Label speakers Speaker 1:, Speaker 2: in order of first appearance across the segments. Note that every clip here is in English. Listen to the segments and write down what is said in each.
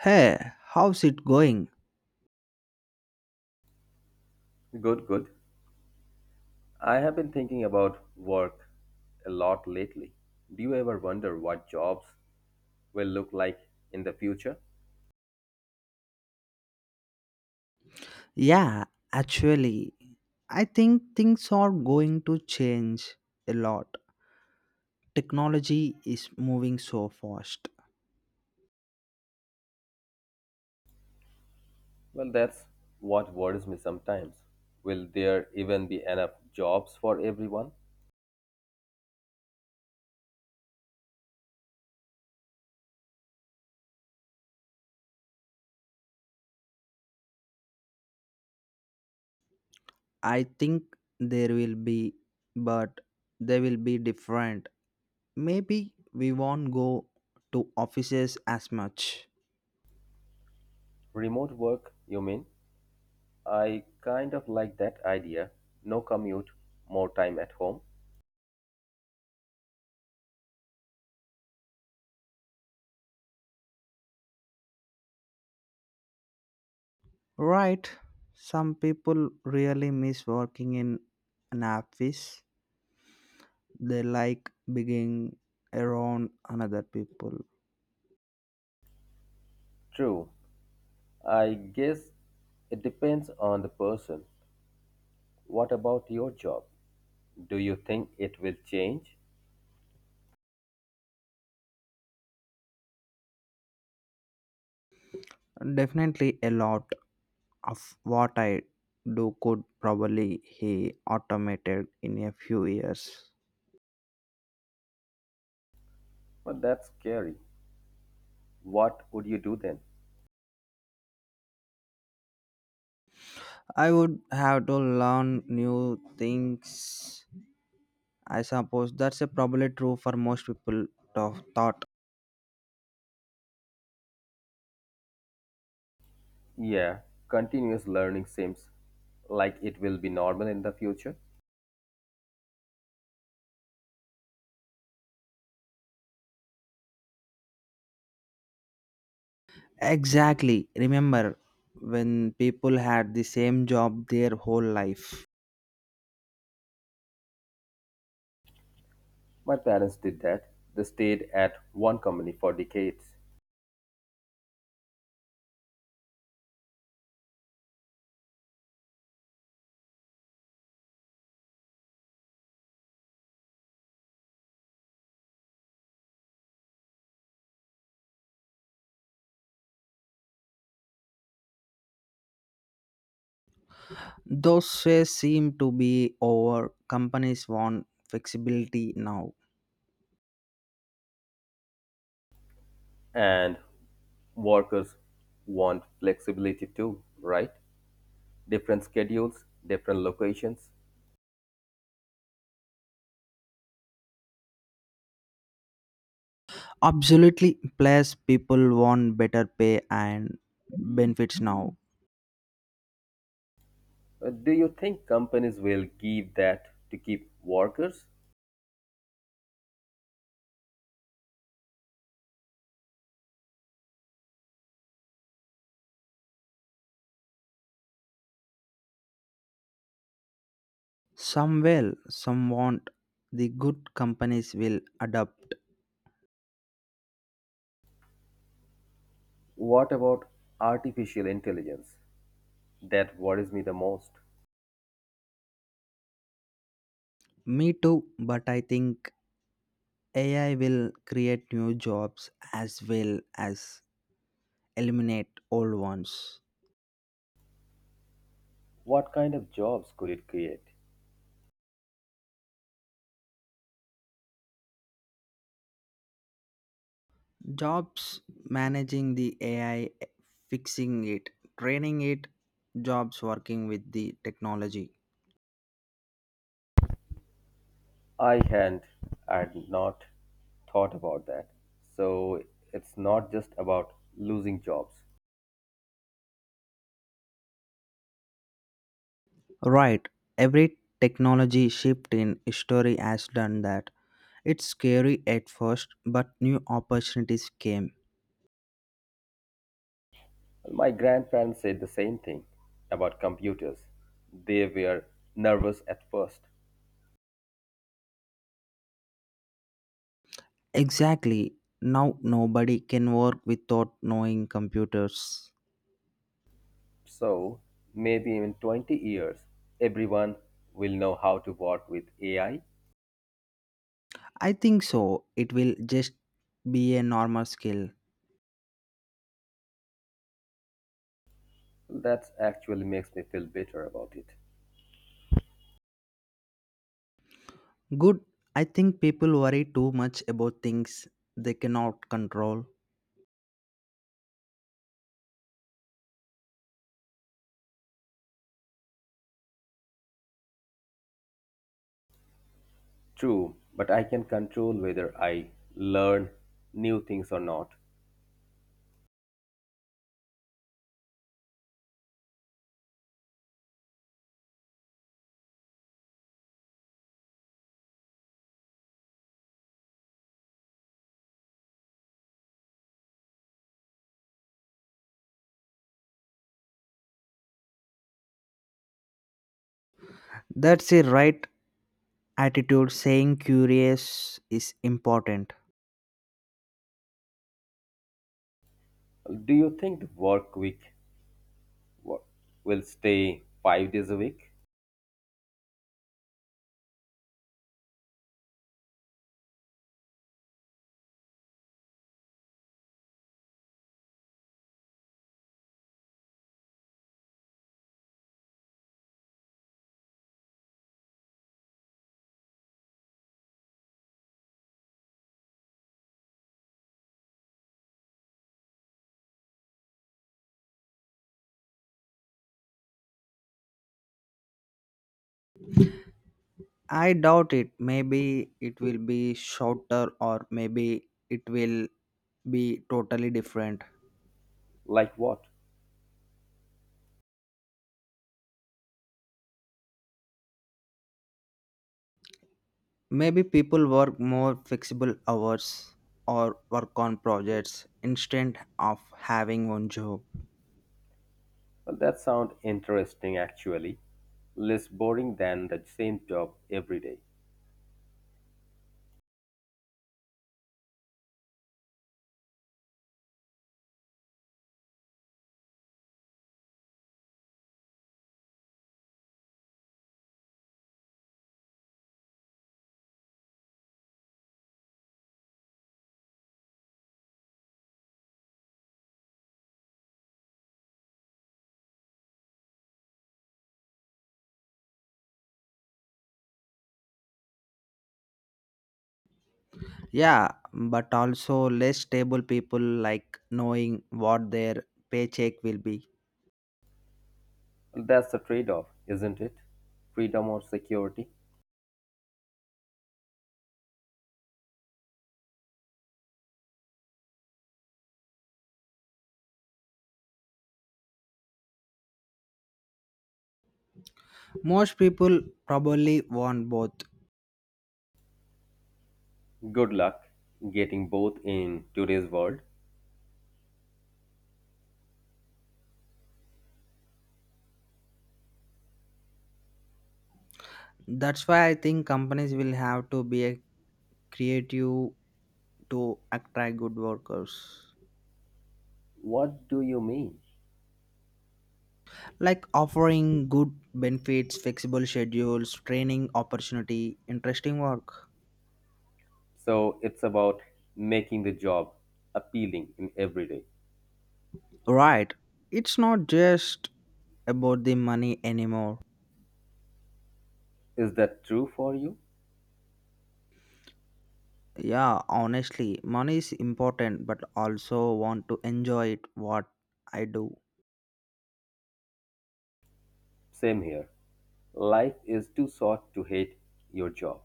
Speaker 1: Hey, how's it going?
Speaker 2: Good, good. I have been thinking about work a lot lately. Do you ever wonder what jobs will look like in the future?
Speaker 1: Yeah, actually, I think things are going to change a lot. Technology is moving so fast.
Speaker 2: Well, that's what worries me sometimes. Will there even be enough jobs for everyone?
Speaker 1: I think there will be, but they will be different. Maybe we won't go to offices as much.
Speaker 2: Remote work, you mean? I kind of like that idea. No commute, more time at home.
Speaker 1: Right? Some people really miss working in an office. They like being around another people.
Speaker 2: True. I guess it depends on the person. What about your job? Do you think it will change?
Speaker 1: Definitely a lot of what I do could probably be automated in a few years.
Speaker 2: Well, that's scary. What would you do then?
Speaker 1: I would have to learn new things. I suppose that's a probably true for most people of thought.
Speaker 2: Yeah, continuous learning seems like it will be normal in the future.
Speaker 1: Exactly. Remember when people had the same job their whole life.
Speaker 2: My parents did that. They stayed at one company for decades.
Speaker 1: Those days seem to be over. Companies want flexibility now.
Speaker 2: And workers want flexibility too, right? Different schedules, different locations.
Speaker 1: Absolutely, plus people want better pay and benefits now.
Speaker 2: Do you think companies will give that to keep workers?
Speaker 1: Some will, some won't. The good companies will adapt.
Speaker 2: What about artificial intelligence? That worries me the most.
Speaker 1: Me too, but I think AI will create new jobs as well as eliminate old ones.
Speaker 2: What kind of jobs could it create?
Speaker 1: Jobs managing the AI, fixing it, training it, jobs working with the technology.
Speaker 2: I had not thought about that. So it's not just about losing jobs.
Speaker 1: Right, every technology shift in history has done that. It's scary at first, but new opportunities came.
Speaker 2: Well, my grandparents said the same thing about computers. They were nervous at first.
Speaker 1: Exactly. Now nobody can work without knowing computers.
Speaker 2: So maybe in 20 years, everyone will know how to work with AI.
Speaker 1: I think so. It will just be a normal skill.
Speaker 2: That actually makes me feel better about it.
Speaker 1: Good. I think people worry too much about things they cannot control.
Speaker 2: True, but I can control whether I learn new things or not.
Speaker 1: That's a right attitude. Saying curious is important.
Speaker 2: Well, do you think the work week — what? — will stay 5 days a week?
Speaker 1: I doubt it. Maybe it will be shorter, or maybe it will be totally different.
Speaker 2: Like what?
Speaker 1: Maybe people work more flexible hours or work on projects instead of having one job.
Speaker 2: Well, that sounds interesting actually. Less boring than the same job every day.
Speaker 1: Yeah, but also less stable people like knowing what their paycheck will be.
Speaker 2: Well, that's the trade off, isn't it? Freedom or security?
Speaker 1: Most people probably want both.
Speaker 2: Good luck getting both in today's world.
Speaker 1: That's why I think companies will have to be creative to attract good workers.
Speaker 2: What do you mean?
Speaker 1: Like offering good benefits, flexible schedules, training opportunity, interesting work.
Speaker 2: So it's about making the job appealing in every day.
Speaker 1: Right. It's not just about the money anymore.
Speaker 2: Is that true for you?
Speaker 1: Yeah, honestly, money is important, but also want to enjoy it what I do.
Speaker 2: Same here. Life is too short to hate your job.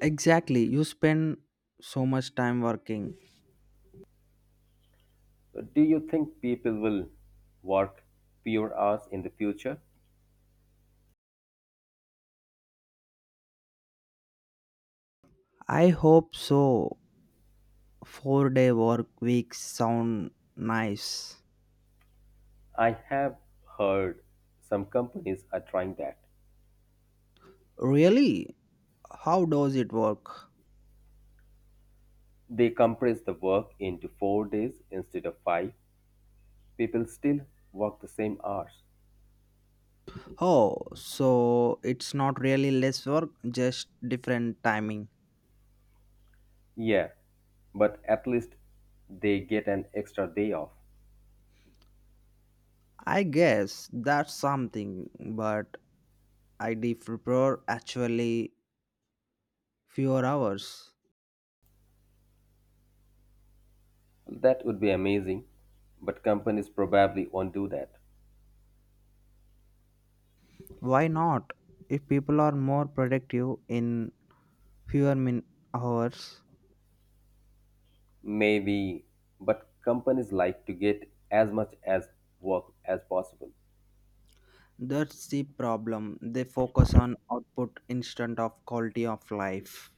Speaker 1: Exactly. You spend so much time working.
Speaker 2: Do you think people will work fewer hours in the future?
Speaker 1: I hope so. 4-day day work weeks sound nice.
Speaker 2: I have heard some companies are trying that.
Speaker 1: Really? How does it work?
Speaker 2: They compress the work into 4 days instead of five. People still work the same hours.
Speaker 1: Oh, so it's not really less work, just different timing.
Speaker 2: Yeah, but at least they get an extra day off.
Speaker 1: I guess that's something, but I deep prepare actually fewer hours.
Speaker 2: That would be amazing, but companies probably won't do that.
Speaker 1: Why not? If people are more productive in fewer min hours,
Speaker 2: Maybe, but companies like to get as much as work as possible.
Speaker 1: that's the problem. They focus on output instead of quality of life.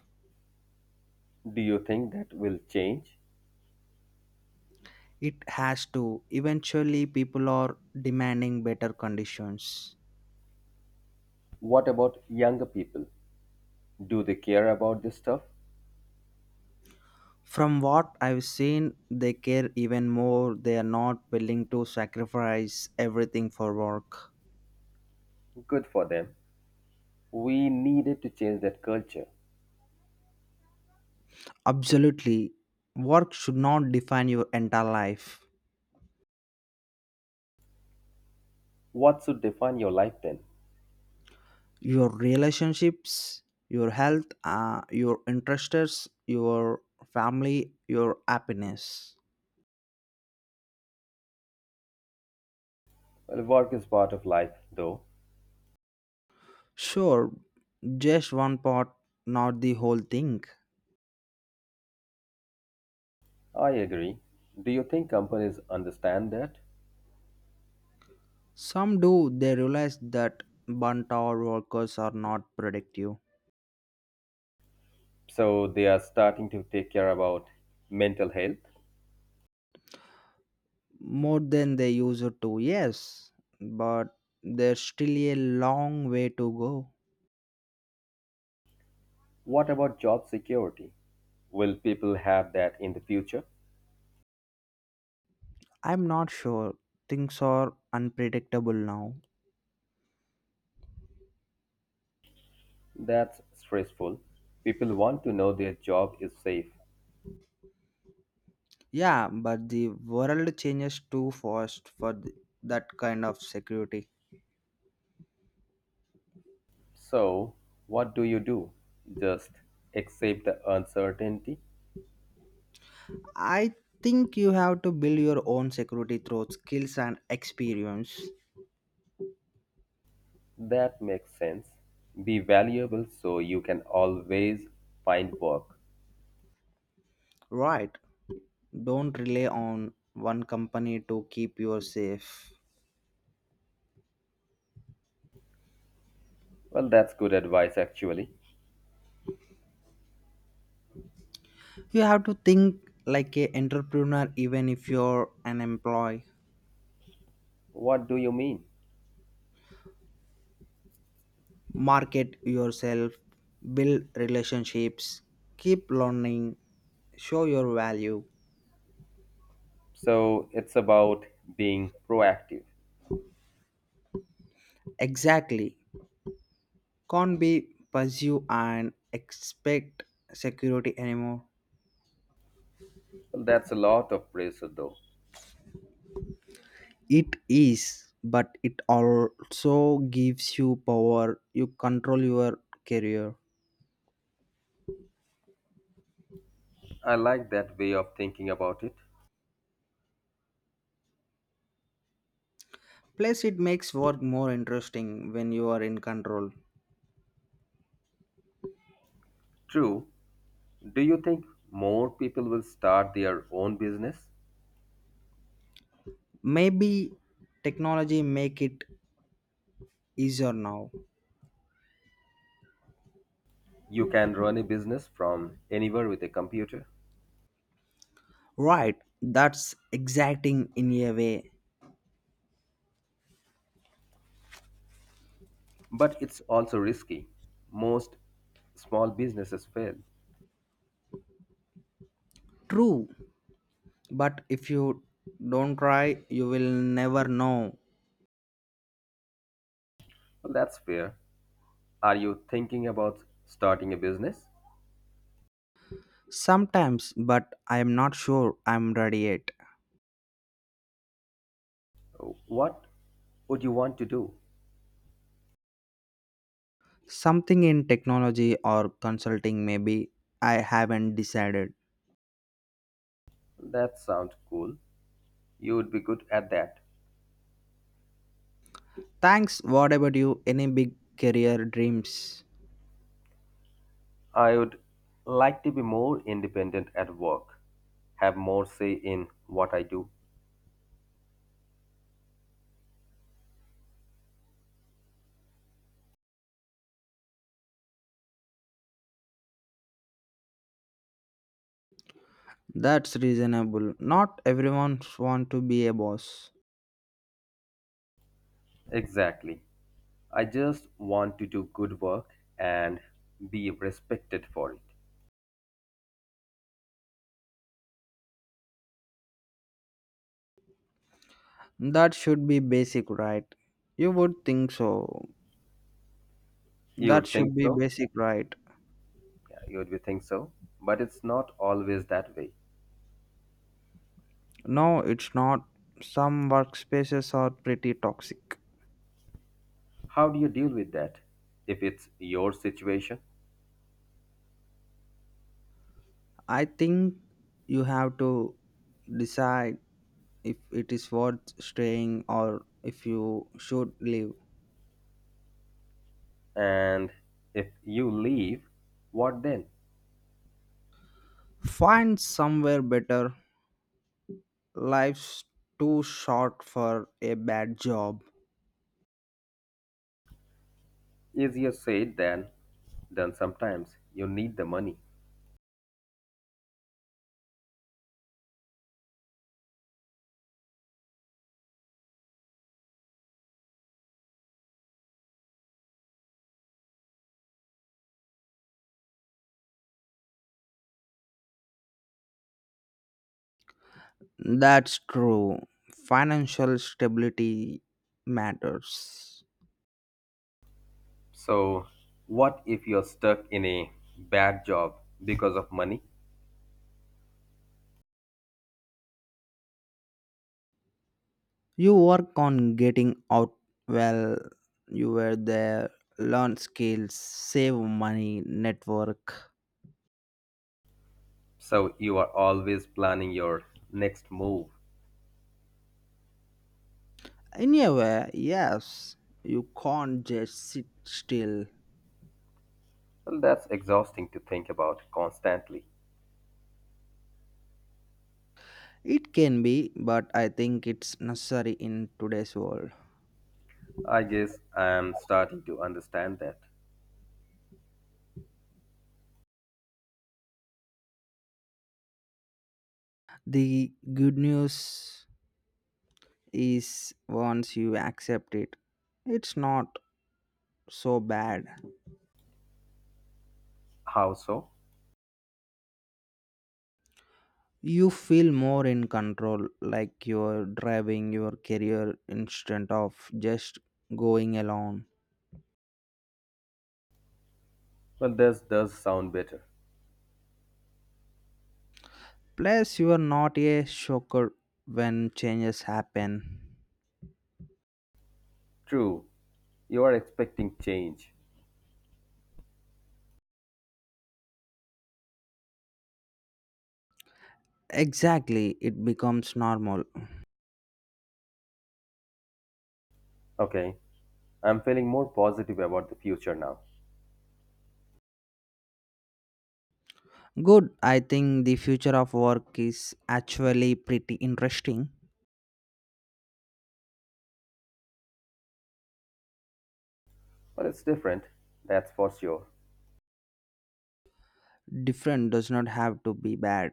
Speaker 2: Do you think that will change?
Speaker 1: It has to. Eventually, people are demanding better conditions.
Speaker 2: What about younger people? Do they care about this stuff?
Speaker 1: From what I've seen, they care even more. They are not willing to sacrifice everything for work.
Speaker 2: Good for them. We needed to change that culture.
Speaker 1: Absolutely. Work should not define your entire life.
Speaker 2: What should define your life then?
Speaker 1: Your relationships, your health, your interests, your family, your happiness.
Speaker 2: Well, work is part of life, though.
Speaker 1: Sure, just one part, not the whole thing.
Speaker 2: I agree. Do you think companies understand that?
Speaker 1: Some do, they realize that burnt out workers are not productive
Speaker 2: So they are starting to take care about mental health.
Speaker 1: more than they used to, yes, but there's still a long way to go.
Speaker 2: What about job security? Will people have that in the future?
Speaker 1: I'm not sure. Things are unpredictable now.
Speaker 2: That's stressful. People want to know their job is safe.
Speaker 1: Yeah, but the world changes too fast for that kind of security.
Speaker 2: So, what do you do? Just accept the uncertainty
Speaker 1: I think you have to build your own security through skills and experience.
Speaker 2: that makes sense. Be valuable so you can always find work.
Speaker 1: Right. Don't rely on one company to keep you safe.
Speaker 2: Well, that's good advice, actually.
Speaker 1: You have to think like a entrepreneur even if you're an employee.
Speaker 2: What do you mean?
Speaker 1: Market yourself, build relationships, keep learning, show your value.
Speaker 2: So, it's about being proactive.
Speaker 1: Exactly. Can't be pursue and expect security anymore.
Speaker 2: Well, that's a lot of pressure, though.
Speaker 1: It is, but it also gives you power. You control your career.
Speaker 2: I like that way of thinking about it.
Speaker 1: Plus, it makes work more interesting when you are in control.
Speaker 2: True. Do you think more people will start their own business?
Speaker 1: Maybe technology make it easier now.
Speaker 2: You can run a business from anywhere with a computer.
Speaker 1: Right, that's exciting in a way.
Speaker 2: But it's also risky. Most small businesses fail.
Speaker 1: True, but if you don't try, you will never know.
Speaker 2: Well, that's fair. Are you thinking about starting a business?
Speaker 1: Sometimes, but I am not sure I'm ready yet.
Speaker 2: What would you want to do?
Speaker 1: Something in technology or consulting, maybe. I haven't decided.
Speaker 2: That sounds cool. You would be good at that.
Speaker 1: Thanks. What about you? Any big career dreams?
Speaker 2: I would like to be more independent at work, have more say in what I do.
Speaker 1: That's reasonable. Not everyone want to be a boss.
Speaker 2: Exactly. I just want to do good work and be respected for it.
Speaker 1: That should be basic, right? You would think so.
Speaker 2: You
Speaker 1: That
Speaker 2: would think
Speaker 1: should be
Speaker 2: so?
Speaker 1: basic, right?
Speaker 2: Yeah, you would be think so, but it's not always that way.
Speaker 1: No, it's not. Some workspaces are pretty toxic.
Speaker 2: How do you deal with that if it's your situation?
Speaker 1: I think you have to decide if it is worth staying or if you should leave.
Speaker 2: And if you leave, what then?
Speaker 1: Find somewhere better. Life's too short for a bad job.
Speaker 2: Easier said than done sometimes. You need the money.
Speaker 1: That's true. Financial stability matters.
Speaker 2: So, what if you're stuck in a bad job because of money?
Speaker 1: You work on getting out well you were there, learn skills, save money, network.
Speaker 2: So, you are always planning your next move.
Speaker 1: In a way, yes, you can't just sit still.
Speaker 2: Well, that's exhausting to think about constantly.
Speaker 1: It can be, but I think it's necessary in today's world.
Speaker 2: I guess I'm starting to understand that.
Speaker 1: The good news is once you accept it, it's not so bad.
Speaker 2: How so?
Speaker 1: You feel more in control, like you're driving your career instead of just going alone.
Speaker 2: Well, this does sound better.
Speaker 1: Plus, you are not a shocker when changes happen.
Speaker 2: True, you are expecting change.
Speaker 1: Exactly, it becomes normal.
Speaker 2: Okay, I'm feeling more positive about the future now.
Speaker 1: Good, I think the future of work is actually pretty interesting.
Speaker 2: But it's different, that's for sure.
Speaker 1: Different does not have to be bad.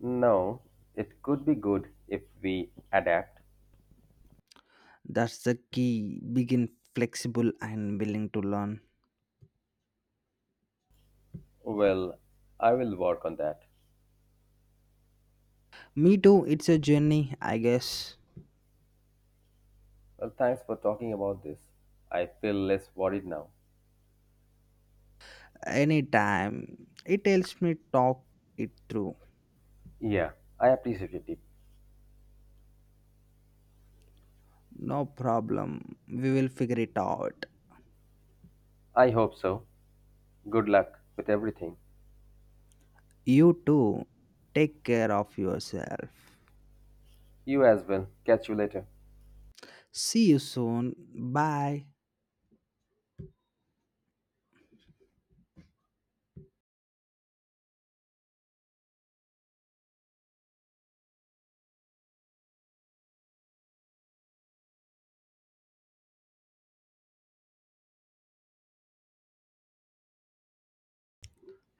Speaker 2: No, it could be good if we adapt.
Speaker 1: That's the key. Begin flexible and willing to learn.
Speaker 2: Well, I will work on that.
Speaker 1: Me too, it's a journey, I guess.
Speaker 2: Well, thanks for talking about this. I feel less worried now.
Speaker 1: Anytime. It tells me talk it through.
Speaker 2: Yeah, I appreciate it.
Speaker 1: No problem. We will figure it out.
Speaker 2: I hope so. Good luck with everything.
Speaker 1: You too. Take care of yourself.
Speaker 2: You as well. Catch you later.
Speaker 1: See you soon. Bye.